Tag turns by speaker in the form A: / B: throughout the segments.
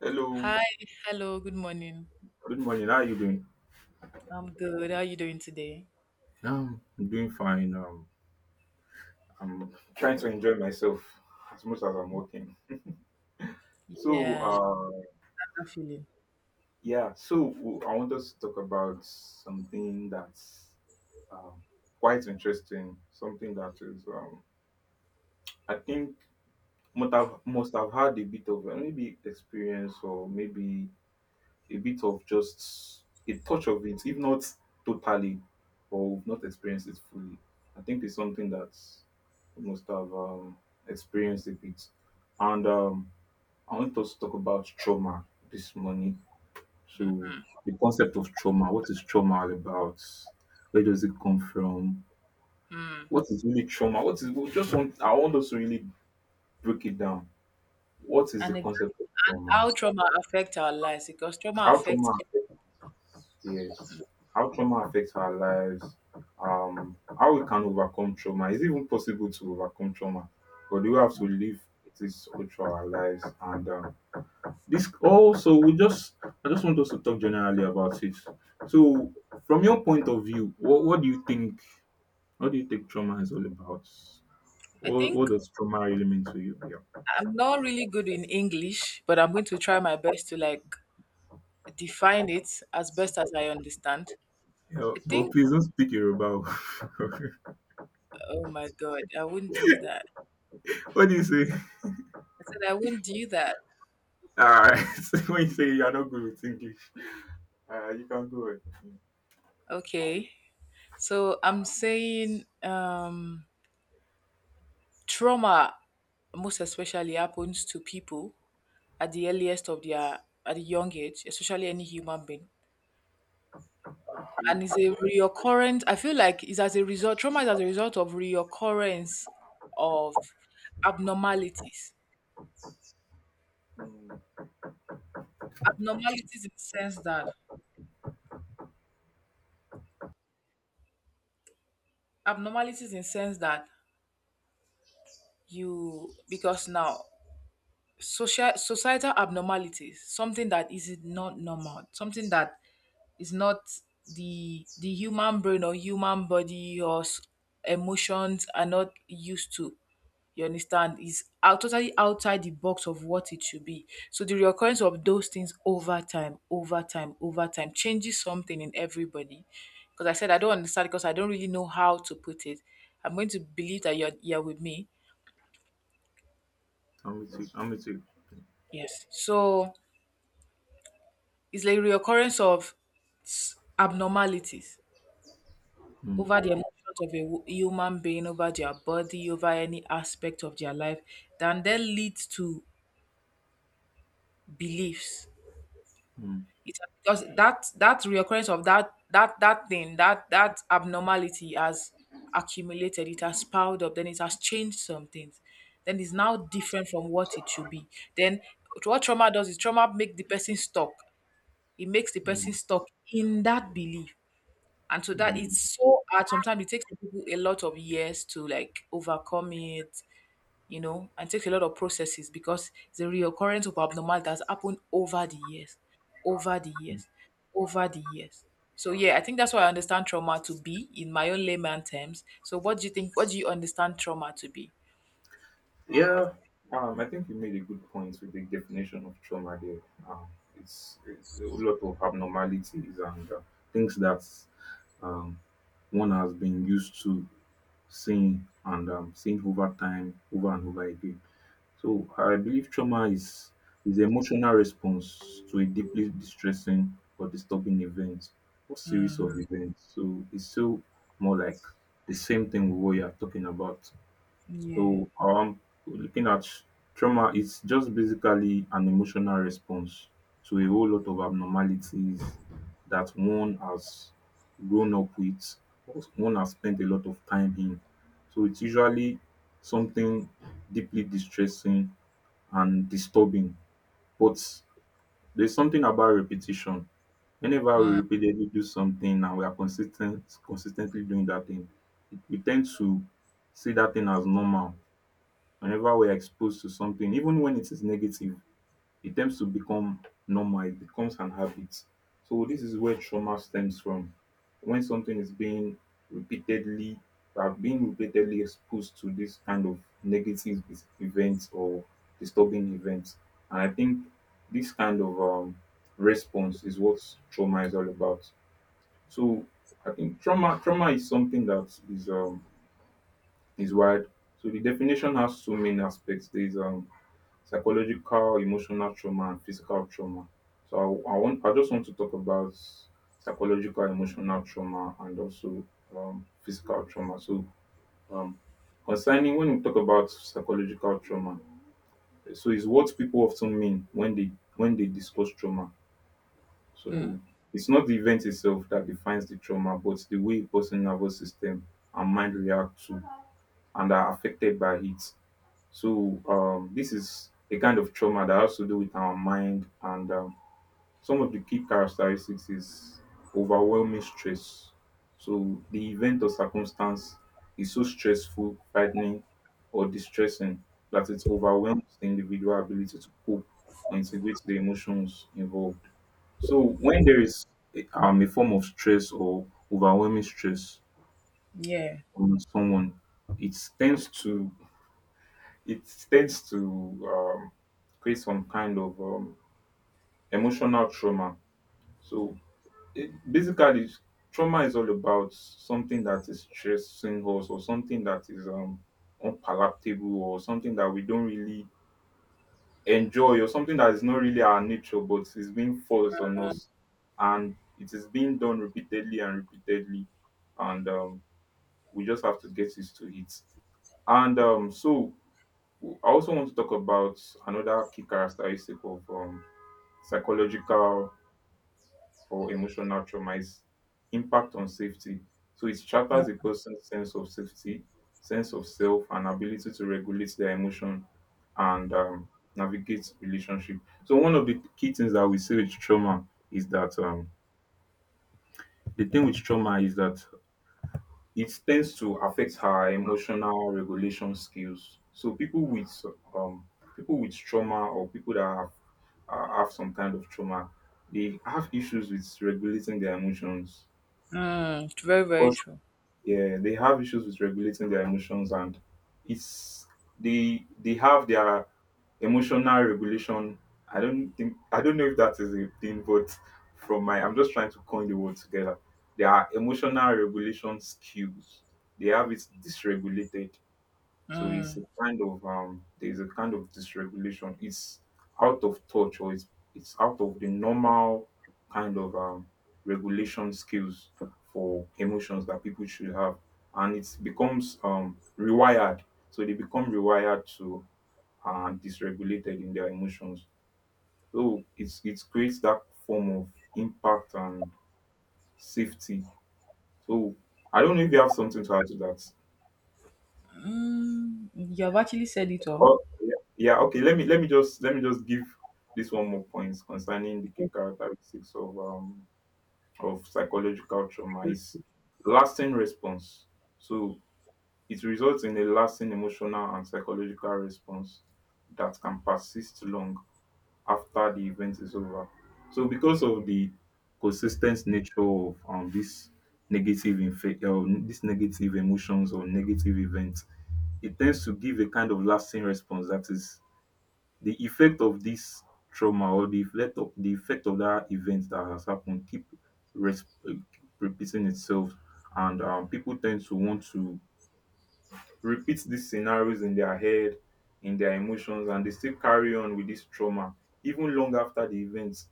A: Hello,
B: Hi, hello, good morning.
A: good morning. How are you doing?
B: I'm good. How are you doing today?
A: I'm doing fine. I'm trying to enjoy myself as much as I'm working. So,
B: Yeah,
A: uh,
B: I'm feeling.
A: I want us to talk about something that's um, quite interesting. Something that is, I think, must have had a bit of maybe experience or maybe a bit of just a touch of it, if not totally, or we've not experienced it fully. I think it's something that we must have experienced a bit. And I want us to talk about trauma this morning. So, the concept of trauma, what is trauma all about? Where does it come from?
B: Mm.
A: What is really trauma? What is we just want? I want us to really break it down. What is the
B: And
A: concept of
B: exactly
A: trauma?
B: how trauma affects our lives because trauma
A: How
B: affects.
A: trauma. Yes. How trauma affects our lives, how we can overcome trauma. Is it even possible to overcome trauma? But do we have to live it is all through our lives? And this also, I just want us to talk generally about it. So, from your point of view, what do you think? What do you think trauma is all about?
B: I
A: What
B: think
A: does trauma really mean to you? Yeah.
B: I'm not really good in English, but I'm going to try my best to like define it as best as I understand.
A: Yeah,
B: I
A: but
B: think.
A: please don't speak Yoruba.
B: Oh my God, I wouldn't do that.
A: What do you say?
B: I said I wouldn't do that.
A: All right. When you say you are not good with English. You can go ahead. Yeah.
B: Okay. So I'm saying trauma most especially happens to people at the earliest of their at the young age, especially any human being.
A: Okay.
B: And it's a reoccurrent. I feel like it's as a result. Trauma is as a result of reoccurrence of abnormalities.
A: Mm.
B: Abnormalities in the sense that abnormalities in sense that you because now social societal abnormalities, something that is not normal, something that it's not the human brain or human body or emotions are not used to, you understand. It's out, totally outside the box of what it should be. So the recurrence of those things over time, over time, over time changes something in everybody, because I don't understand, because I don't really know how to put it. I'm going to believe that you're with me.
A: I'm with you. I'm with you.
B: Yes, so it's like reoccurrence of abnormalities
A: Mm.
B: over the emotions of a human being, over their body, over any aspect of their life, then that leads to beliefs.
A: Mm.
B: It Because that reoccurrence of that thing, that abnormality has accumulated. It has piled up. Then it has changed some things. Then it's now different from what it should be. Then what trauma does is trauma make the person stuck. It makes the person
A: Mm.
B: stuck in that belief. And so that,
A: Mm.
B: it's so hard. Sometimes it takes people a lot of years to like overcome it, and takes a lot of processes because it's a reoccurrence of abnormal that's happened over the years, over the years, over the years. So yeah, I think that's what I understand trauma to be in my own layman terms. So what do you think? What do you understand trauma to be?
A: Yeah. I think you made a good point with the definition of trauma here. Um, it's a lot of abnormalities and things that um, one has been used to seeing and seeing over time, over and over again. So I believe trauma is the emotional response to a deeply distressing or disturbing event or series of events. So it's still more like the same thing with what you are talking about.
B: Yeah,
A: So looking at trauma, it's just basically an emotional response to a whole lot of abnormalities that one has grown up with or one has spent a lot of time in. So it's usually something deeply distressing and disturbing. But there's something about repetition. Whenever we repeatedly do something and we are consistently doing that thing, it we tend to see that thing as normal. Whenever we are exposed to something, even when it is negative, it tends to become normal, it becomes an habit. So this is where trauma stems from. When something is being repeatedly are being repeatedly exposed to this kind of events or disturbing events. And I think this kind of response is what trauma is all about. So I think trauma is something that is wide. So the definition has so many aspects. There's psychological, emotional trauma, and physical trauma. So I just want to talk about psychological, emotional trauma, and also physical trauma. So um, concerning when we talk about psychological trauma, so it's what people often mean when they discuss trauma. So it's not the event itself that defines the trauma, but the way a person's nervous system and mind react to and are affected by it. So this is a kind of trauma that has to do with our mind. And some of the key characteristics is overwhelming stress. So the event or circumstance is so stressful, frightening, or distressing that it overwhelms the individual ability to cope or integrate the emotions involved. So when there is a form of stress or overwhelming stress
B: yeah.
A: on someone, it tends to it tends to um, create some kind of emotional trauma. So basically, trauma is all about something that is stressing us or something that is unpalatable or something that we don't really enjoy or something that is not really our nature but is being forced on us and it is being done repeatedly and repeatedly, and we just have to get used to it. And so I also want to talk about another key characteristic of psychological or emotional trauma is impact on safety. So it shatters a person's sense of safety, sense of self, and ability to regulate their emotion and navigate relationship. So one of the key things that we see with trauma is that the thing with trauma is that it tends to affect her emotional regulation skills. So um people with trauma or people that have some kind of trauma, they have issues with regulating their emotions
B: Mm, it's very, very
A: because
B: true.
A: yeah, they have issues with regulating their emotions and it's they have their emotional regulation. I don't know if that is a thing, but from my I'm just trying to coin the word together. There are emotional regulation skills. They have it dysregulated. So it's a kind of there's a kind of dysregulation. It's out of touch, or it's out of the normal kind of regulation skills for emotions that people should have. And it becomes rewired. So they become rewired to and dysregulated in their emotions. So it creates that form of impact and safety. So I don't know if you have something to add to that.
B: Mm, you have actually said it all.
A: Oh yeah, yeah, okay. Let me just give this one more point. Concerning the key characteristics of psychological trauma is lasting response. So it results in a lasting emotional and psychological response that can persist long after the event is over. So because of the consistent nature of this this negative emotions or negative events, it tends to give a kind of lasting response. That is, the effect of this trauma, or the effect of that event that has happened, keep repeating itself, and people tend to want to repeat these scenarios in their head, in their emotions, and they still carry on with this trauma even long after the event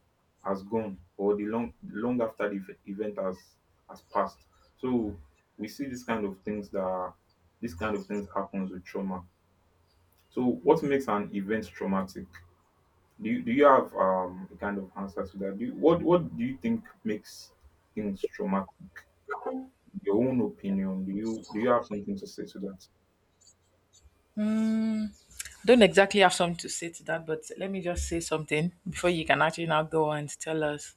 A: has gone, or the long afta di event has passed. So we see this kind of things happens with trauma. So what makes an event traumatic? Do you have a kind of answer to that? Do you What do you think makes things traumatic? Your own opinion? Do you have something to say to that?
B: Don't exactly have something to say to that, but let me just say something before you can actually now go and tell us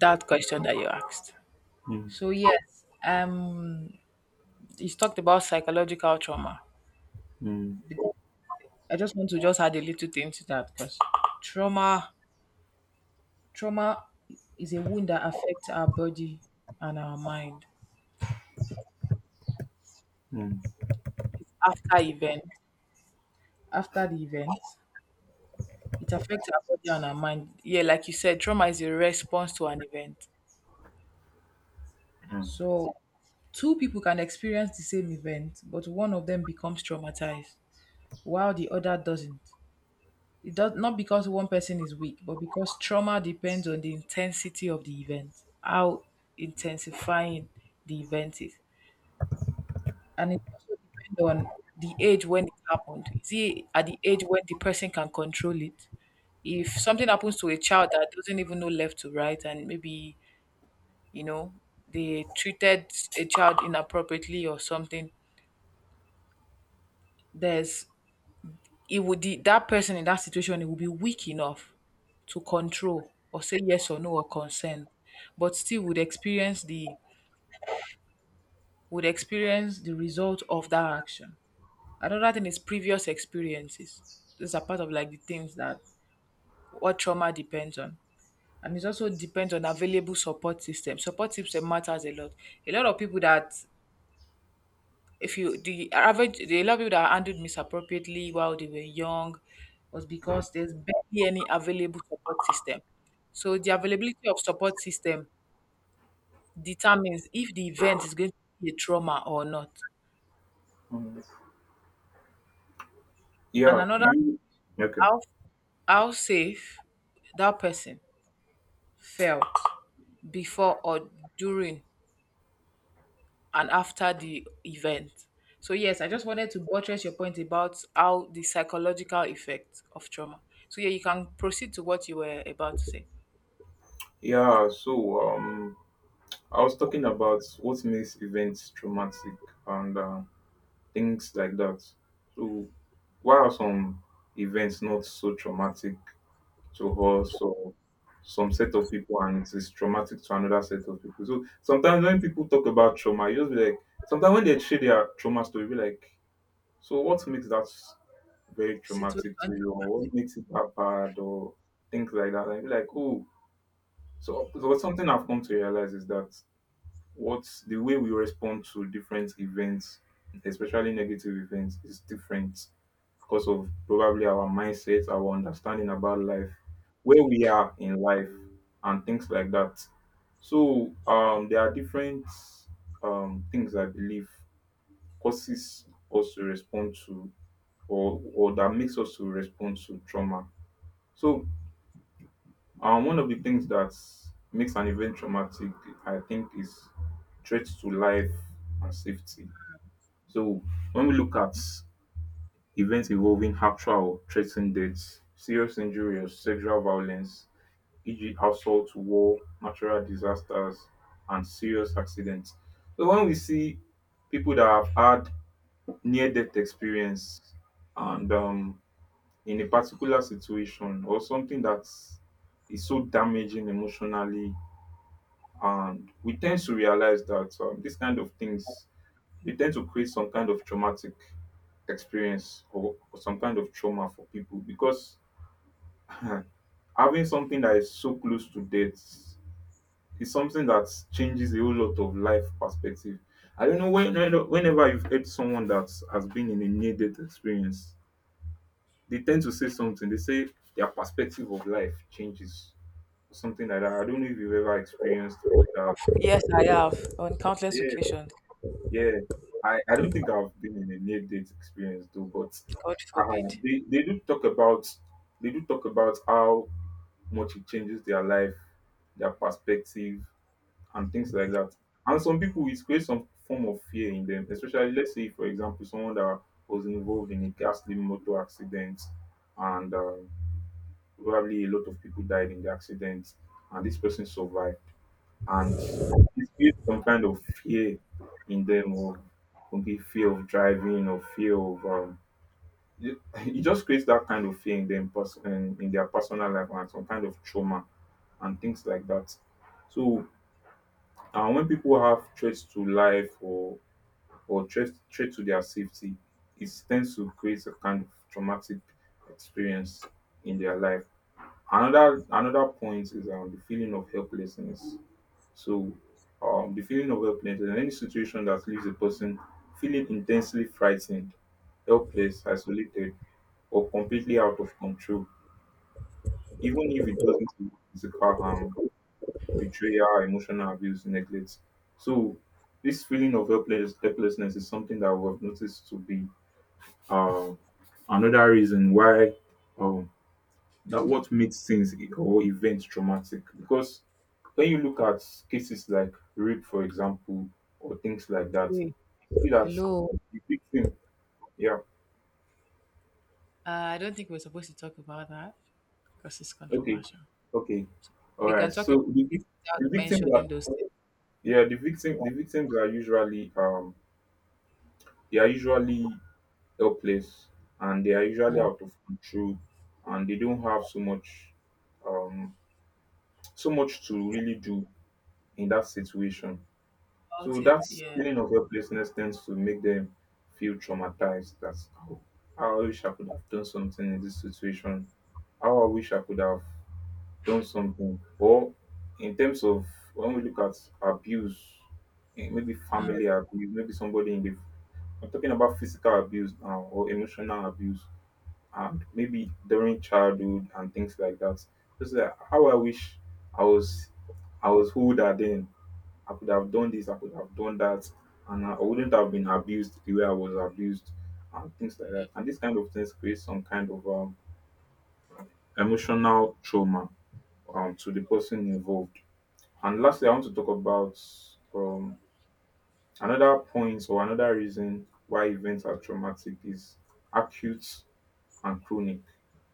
B: that question that you asked.
A: Mm,
B: So yes, you talked about psychological trauma.
A: mm,
B: I just want to just add a little thing to that because trauma, trauma, is a wound that affects our body and our mind.
A: mm.
B: It's after the event, it affects our body and our mind. Yeah, like you said, trauma is a response to an event.
A: Hmm.
B: So, two people can experience the same event, but one of them becomes traumatized while the other doesn't. It does not because one person is weak, but because trauma depends on the intensity of the event, how intensifying the event is. And it also depends on the age when it happened. Is it at the age when the person can control it? If something happens to a child that doesn't even know left to right and maybe, you know, they treated a child inappropriately or something. There's it would the That person in that situation, it would be weak enough to control or say yes or no or consent, but still would experience the result of that action. Another thing is previous experiences. These are part of like the things that what trauma depends on. And it also depends on available support system. Support system matters a lot. A lot of people that if you the average the lot of people that handled misappropriately while they were young was because there's barely any available support system. So the availability of support system determines if the event is going to be a trauma or not.
A: Mm.
B: And
A: Yeah,
B: another,
A: you. Okay.
B: how how safe that person felt before or during and after the event. So yes, I just wanted to buttress your point about how the psychological effect of trauma. So yeah, you can proceed to what you were about to say.
A: Yeah, so I was talking about what makes events traumatic and things like that. So why are some events not so traumatic to us or some set of people and it is traumatic to another set of people? So sometimes when people talk about trauma, you just be like, sometimes when they share their trauma story, you be like, so what makes that very
B: Situation
A: traumatic to you, or
B: traumatic.
A: what makes it that bad, or things like that? And you be like, oh. So something I've come to realize is that what the way we respond to different events, especially negative events, is different because of probably our mindset, our understanding about life, where we are in life, and things like that. So there are different things I believe causes us to respond to, or that makes us to respond to trauma. So um, one of the things that makes an event traumatic, I think, is threats to life and safety. So when we look at events involving actual or threatened deaths, serious injury or sexual violence, e.g. assault, war, natural disasters, and serious accidents. So when we see people that have had near-death experience and in a particular situation or something that's so damaging emotionally. And we tend to realize that these kind of things, they tend to create some kind of traumatic experience, or some kind of trauma for people because having something that is so close to death is something that changes a whole lot of life perspective. I don't know when, whenever you've heard someone that has been in a near death experience, they tend to say something. They say their perspective of life changes, something like that. I don't know if you've ever experienced that.
B: Of, yes, I have on countless occasions.
A: Yeah, I don't think I've been in a near date experience though, but
B: God forbid.
A: they do talk about how much it changes their life, their perspective, and things like that. And some people, it creates some form of fear in them, especially let's say for example someone that was involved in a ghastly motor accident, and probably a lot of people died in the accident, and this person survived and it creates some kind of fear in them, or maybe fear of driving or fear of it, it just creates that kind of fear in them in their personal life, and some kind of trauma and things like that. So when people have threats to life, or threat to their safety, it tends to create a kind of traumatic experience in their life. Another point is the feeling of helplessness. so, the feeling of helplessness in any situation that leaves a person feeling intensely frightened, helpless, isolated, or completely out of control, even if it doesn't involve physical harm, betrayal, emotional abuse, neglect. So, this feeling of helplessness is something that we have noticed to be um, another reason why, um, that what makes things or events traumatic, because when you look at cases like rape for example, or things like that,
B: Hey,
A: see that
B: hello.
A: the victim, yeah.
B: I don't think we're supposed to talk about that because it's
A: Okay,
B: controversial.
A: okay,
B: So
A: all
B: we can
A: right.
B: talk about
A: So the,
B: it
A: vic-
B: without
A: the victims are,
B: mentioning those things.
A: yeah, the victims are usually they are usually helpless, and they are usually
B: Mm.
A: out of control, and they don't have so much um so much to really do in that situation. So
B: About
A: that
B: it, yeah.
A: feeling of helplessness tends to make them feel traumatized. That's how. How I wish I could have done something in this situation. How I wish I could have done something. Or in terms of when we look at abuse, maybe family abuse, maybe somebody in the — I'm talking about physical abuse now, or emotional abuse, and maybe during childhood and things like that. Just like, how I wish I was, I was who that then. I could have done this, I could have done that, and I wouldn't have been abused the way I was abused, and things like that. And this kind of things create some kind of emotional trauma, to the person involved. And lastly, I want to talk about, um, another point or another reason why events are traumatic is acute and chronic.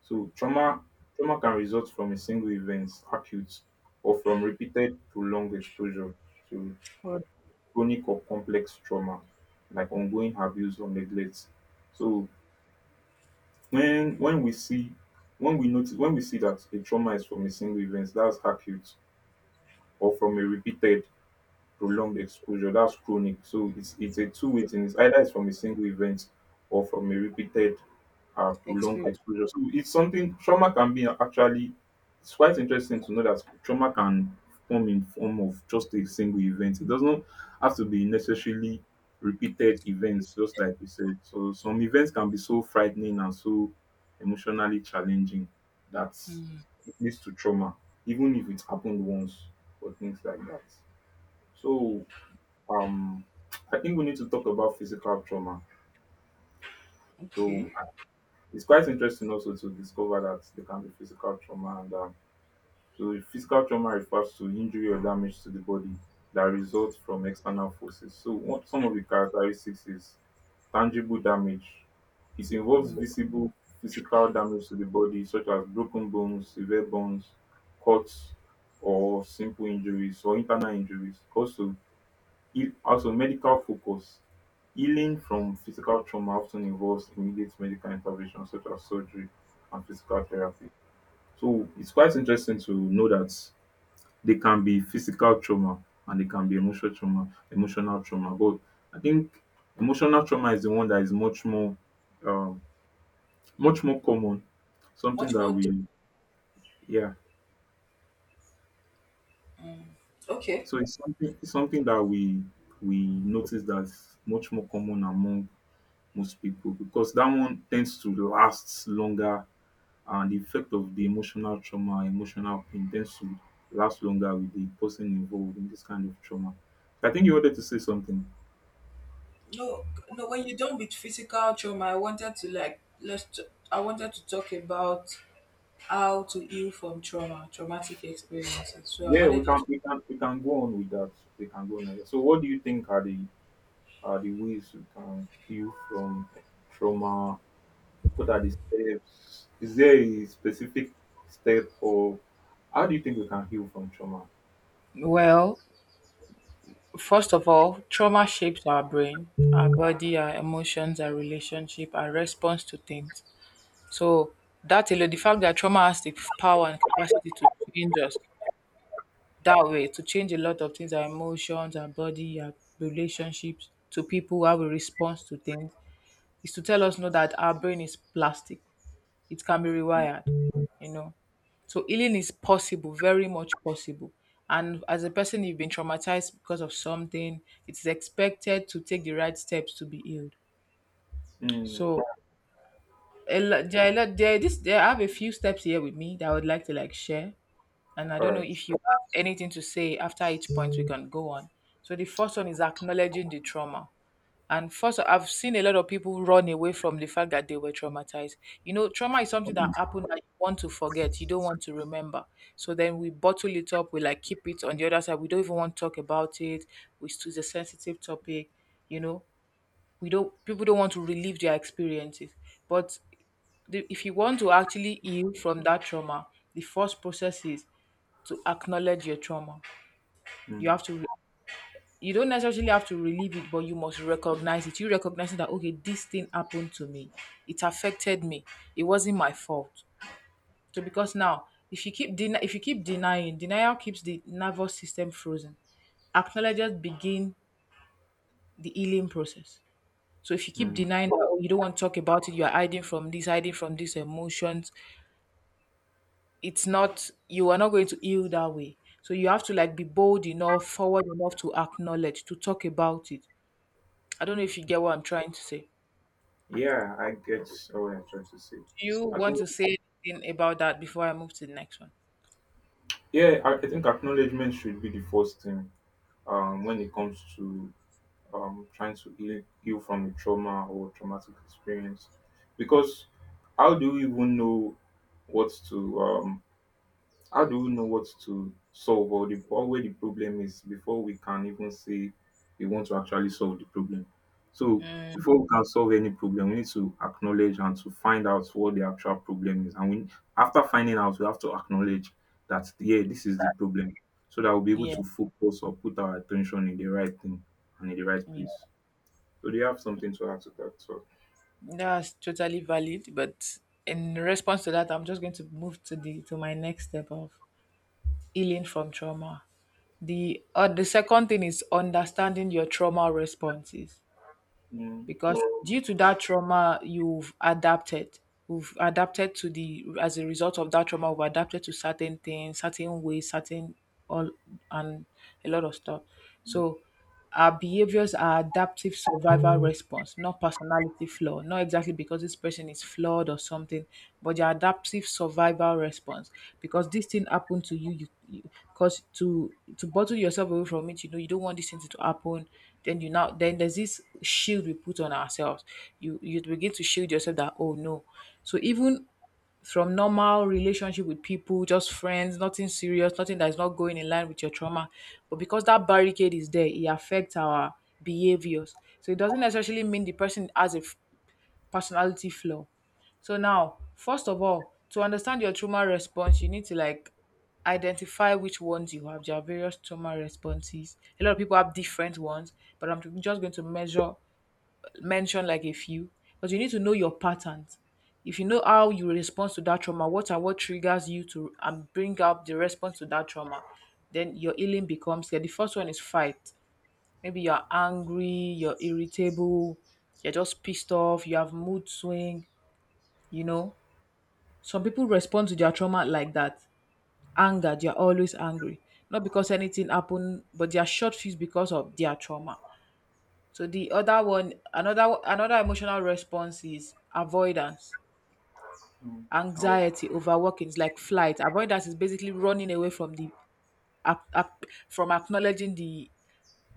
A: So trauma can result from a single event, acute, or from repeated prolonged exposure to
B: For
A: chronic or complex trauma, like ongoing abuse or neglect. So when when we see when we notice, when we see that a trauma is from a single event, that's acute, or from a repeated prolonged exposure, that's chronic. So it's a two-way thing. It's either it's from a single event or from a repeated prolonged
B: experience.
A: exposure. So it's something trauma can be actually. It's quite interesting to know that trauma can come in form of just a single event. It doesn't have to be necessarily repeated events, just like we said. So some events can be so frightening and so emotionally challenging that it leads to trauma, even if it happened once, or things like that. So um I think we need to talk about physical trauma. So
B: Okay.
A: it's quite interesting also to discover that there can be physical trauma, and so physical trauma refers to injury or damage to the body that results from external forces. So what some of the characteristics is tangible damage. It involves visible physical damage to the body, such as broken bones, severe bones, cuts, or simple injuries or internal injuries. Also, also, medical focus, healing from physical trauma often involves immediate medical intervention, such as surgery and physical therapy. So, it's quite interesting to know that they can be physical trauma and they can be emotional trauma, emotional trauma. But I think emotional trauma is the one that is much more, um, much more common. Something
B: Much
A: that
B: more.
A: we, yeah.
B: Okay.
A: So it's something that we notice that's much more common among most people, because that one tends to last longer, and the effect of the emotional trauma, emotional pain, tends to last longer with the person involved in this kind of trauma. I think you wanted to say something.
B: No, no. When you're done with physical trauma, I wanted to like I wanted to talk about how to heal from trauma, traumatic experiences. So I
A: Yeah, we
B: wanted you
A: can
B: to.
A: we can we can go on with that. We can go on with that. So what do you think are the, are the ways we can heal from trauma? What are the steps? Is there a specific step, or how do you think we can heal from trauma?
B: Well, first of all, trauma shapes our brain, our body, our emotions, our relationship, our response to things. So that alone, the fact that trauma has the power and capacity to change us that way, to change a lot of things, our emotions, our body, our relationships to people, how we respond to things, is to tell us know that our brain is plastic. It can be rewired, you know so healing is possible, very much possible. And as a person, you've been traumatized because of something. It's expected to take the right steps to be healed.
A: Mm,
B: So a lo- there, are a lot- there, this, there I have a few steps here with me that I would like to like share, and I don't know
A: correct.
B: if you have anything to say after each point, we can go on. So the first one is acknowledging the trauma. And first, I've seen a lot of people run away from the fact that they were traumatized. You know, trauma is something that happened that you want to forget, you don't want to remember. So then we bottle it up, we like keep it on the other side. We don't even want to talk about it. We choose a sensitive topic. You know, we don't. People don't want to relive their experiences. But if you want to actually heal from that trauma, the first process is to acknowledge your trauma. You
A: Mm,
B: have to you don't necessarily have to relieve it, but you must recognize it. You recognize that okay, this thing happened to me. It affected me. It wasn't my fault. So because now, if you keep den- if you keep denying, denial keeps the nervous system frozen. Acknowledges begin the healing process. So if you keep
A: mm.
B: denying that, oh, you don't want to talk about it, you are hiding from this, hiding from these emotions. It's not You are not going to heal that way. So you have to like be bold enough, forward enough to acknowledge, to talk about it. I don't know if you get what I'm trying to say.
A: Yeah, I get what you're trying to say.
B: Do you
A: I
B: want
A: think,
B: to say anything about that before I move to the next one?
A: yeah, I think acknowledgement should be the first thing, when it comes to trying to heal from a trauma or traumatic experience. Because, how do we even know what to, how do we know what to solve, or, the, or where the problem is, before we can even say we want to actually solve the problem? So, before we can solve any problem, we need to acknowledge and to find out what the actual problem is. And we, after finding out, we have to acknowledge that, yeah, this is the problem. So that we'll be able
B: Yeah,
A: to focus or put our attention in the right thing and in the right
B: yeah,
A: place. So, do you have something to add to that? So,
B: that's totally valid. But in response to that, I'm just going to move to my next step of healing from trauma. The second thing is understanding your trauma responses.
A: mm,
B: Because due to that trauma you've adapted we've adapted to the as a result of that trauma, we've adapted to certain things, certain ways, certain all and a lot of stuff.
A: mm,
B: So our behaviors are adaptive survival response, not personality flaw, not exactly because this person is flawed or something, but your adaptive survival response. Because this thing happened to you, you because to bottle yourself away from it, you know you don't want this thing to happen. Then you now then there's this shield we put on ourselves. You begin to shield yourself that oh no. So even from normal relationship with people, just friends, nothing serious, nothing that is not going in line with your trauma. But because that barricade is there, it affects our behaviors. So it doesn't necessarily mean the person has a personality flaw. So now, first of all, to understand your trauma response, you need to like identify which ones you have. There are various trauma responses. A lot of people have different ones, but I'm just going to measure mention like a few. But you need to know your patterns. If you know how you respond to that trauma, what are what triggers you to and bring up the response to that trauma, then your healing becomes clear. The first one is fight. Maybe you're angry, you're irritable, you're just pissed off, you have mood swing, you know, some people respond to their trauma like that. Anger, they are always angry. Not because anything happened, but they are short fused because of their trauma. So the other one, another emotional response is avoidance.
A: mm,
B: Oh, anxiety, overworking. It's like flight. Avoidance is basically running away from from acknowledging the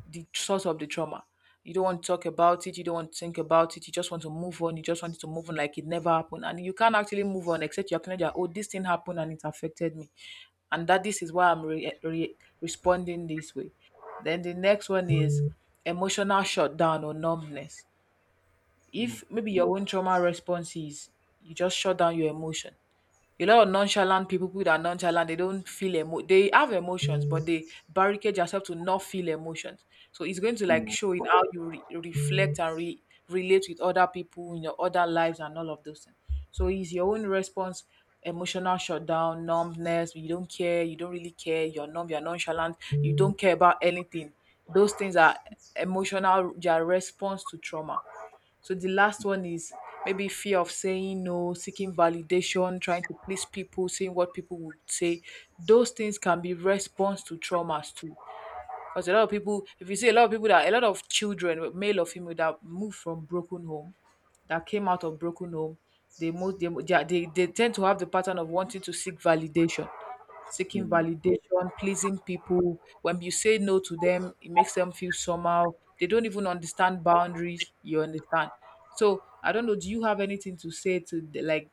B: the source of the trauma. You don't want to talk about it, you don't want to think about it, you just want to move on, you just want to move on like it never happened. And you can't actually move on except you acknowledge that, oh, this thing happened and it affected me. And that this is why responding this way. Then the next one is emotional shutdown or numbness.
A: mm,
B: If maybe your own trauma response is you just shut down your emotion, a lot of nonchalant people, people that are nonchalant, they don't feel emo. They have emotions, but they barricade yourself to not feel emotions. So it's going to like
A: mm,
B: show in how reflect and relate with other people in your other lives and all of those things. So it's your own response, emotional shutdown, numbness. You don't care. You don't really care. You're numb. You're nonchalant. You don't care about anything. Those things are emotional. Their response to trauma. So the last one is maybe fear of saying no, seeking validation, trying to please people, seeing what people would say. Those things can be response to traumas too. Because a lot of people, if you see a lot of children, male or female, that moved from broken home, that came out of broken home, they most they tend to have the pattern of wanting to seek validation, seeking
A: mm.
B: validation, pleasing people. When you say no to them, it makes them feel somehow. They don't even understand boundaries. You understand? So I don't know. Do you have anything to say to like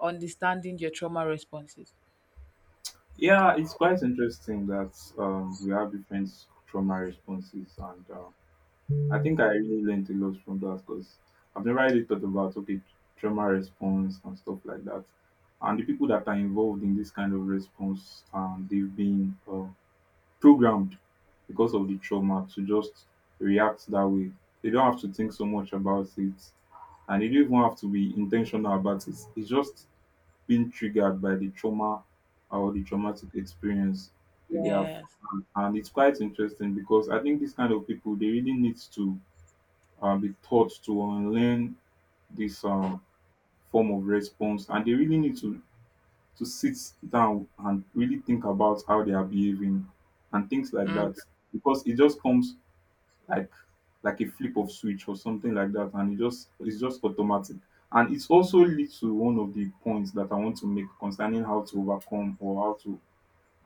B: understanding your trauma responses?
A: Yeah, it's quite interesting that we have different trauma responses, and I think I really learned a lot from that, because I've never really thought about, okay, trauma response and stuff like that, and the people that are involved in this kind of response, they've been programmed because of the trauma to just react that way. They don't have to think so much about it, and they don't even have to be intentional about it. It's just being triggered by the trauma or the traumatic experience that they have.
B: Yes.
A: And it's quite interesting because I think these kind of people, they really need to be taught to unlearn this form of response, and they really need to sit down and really think about how they are behaving and things like
B: Mm.
A: that, because it just comes like like a flip of switch or something like that, and it's just automatic. And it's also leads to one of the points that I want to make concerning how to overcome, or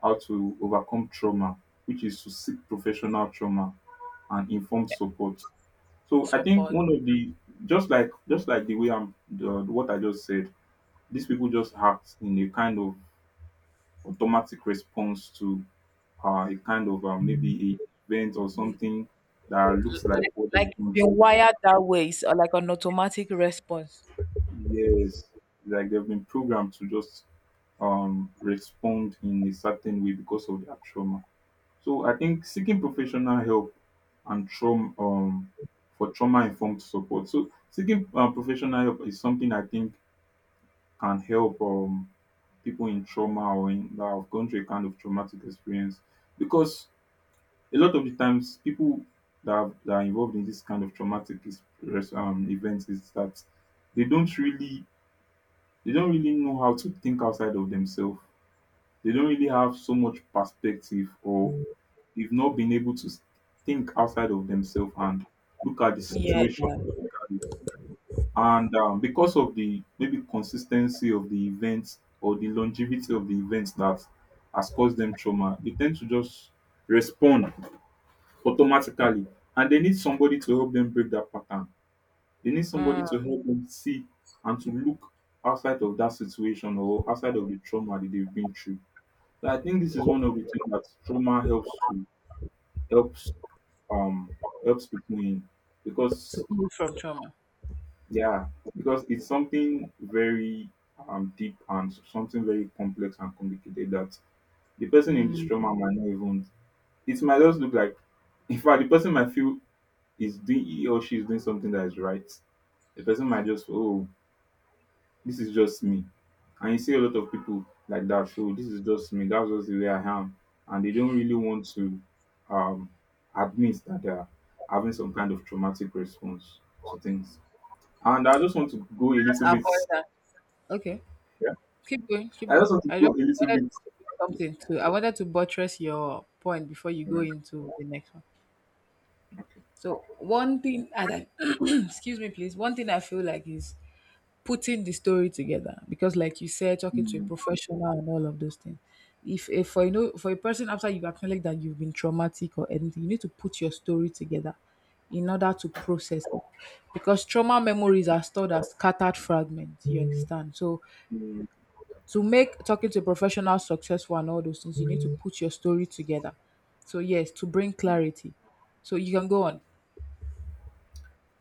A: how to overcome trauma, which is to seek professional trauma and informed support. So I think
B: Support.
A: one of the, just like, just like the way I'm the, what I just said, these people just act in a kind of automatic response to a kind of maybe a event or something that
B: L-
A: looks like
B: Like,
A: what
B: like
A: they've
B: it's
A: gone
B: been
A: through.
B: wired that way. It's like an automatic response.
A: Yes, like they've been programmed to just respond in a certain way because of their trauma. So I think seeking professional help and trauma informed support. So seeking professional help is something I think can help people in trauma, or in, that have gone through a kind of traumatic experience, because a lot of the times people that, that are involved in this kind of events, is that they don't really they don't really know how to think outside of themselves. They don't really have so much perspective, or they've not been able to think outside of themselves and look at the
B: Yeah.
A: situation. Look at it. And because of the maybe consistency of the events or the longevity of the events that has caused them trauma, they tend to just respond automatically. And they need somebody to help them break that pattern, they need somebody
B: Mm.
A: to help them see and to look outside of that situation, or outside of the trauma that they've been through. So I think this is one of the things that trauma helps to, helps, um helps people in, because,
B: To heal from trauma.
A: yeah, because it's something very deep and something very complex and complicated that the person in this
B: Mm.
A: trauma might not even, it might just look like, in fact the person might feel is doing, he or she is doing something that is right. The person might just feel, oh, this is just me. And you see a lot of people like that. So, this is just me. That's just the way I am. And they don't really want to um, admit that they're having some kind of traumatic response to things. And I just want to go a
B: Let's
A: little bit.
B: avoid that. Okay.
A: Yeah.
B: Keep going, keep
A: I just
B: going.
A: want to
B: I
A: go
B: just
A: a little
B: wanted
A: bit.
B: to say something too. I wanted to buttress your point before you go
A: Right,
B: into the next one.
A: okay.
B: So one thing and I excuse me please, one thing I feel like is putting the story together because like you said, talking to a
A: Mm,
B: professional and all of those things. If for a person, after you acknowledge that you've been traumatic or anything, you need to put your story together in order to process it. Because trauma memories are stored as scattered fragments, you understand? So
A: mm.
B: to make talking to a professional successful and all those things, you need to put your story together. So yes, to bring clarity. So you can go on.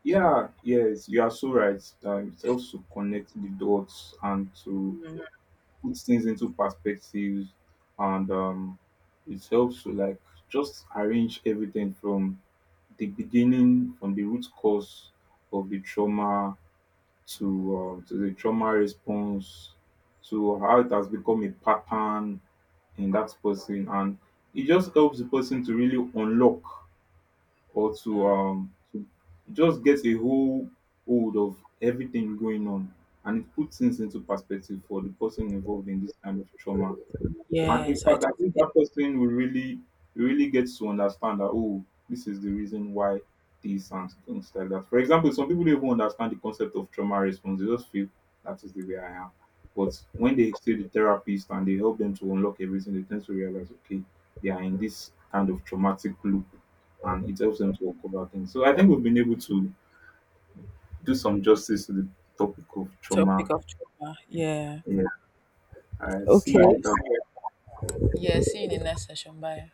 A: Yeah, yes, you are so right. That it helps to connect the dots and to puts things into perspectives, and it helps to like just arrange everything from the beginning, from the root cause of the trauma, to the trauma response, to how it has become a pattern in that person, and it just helps the person to really unlock, or to just get a whole hold of everything going on, and it puts things into perspective for the person involved in this kind of trauma. And in
B: Yes, I
A: fact, I
B: took
A: think
B: the
A: that person will really really get to understand that, oh, this is the reason why this, and things like that. For example, some people don't even understand the concept of trauma response. They just feel that is the way I am. But when they see the therapist and they help them to unlock everything, they tend to realize, okay, they are in this kind of traumatic loop, and it helps them to uncover things. So I think we've been able to do some justice to the topic of
B: topic
A: trauma.
B: of trauma. Yeah.
A: Yeah. All right. See
B: Okay.
A: you later.
B: Yeah, see you in the next session. Bye.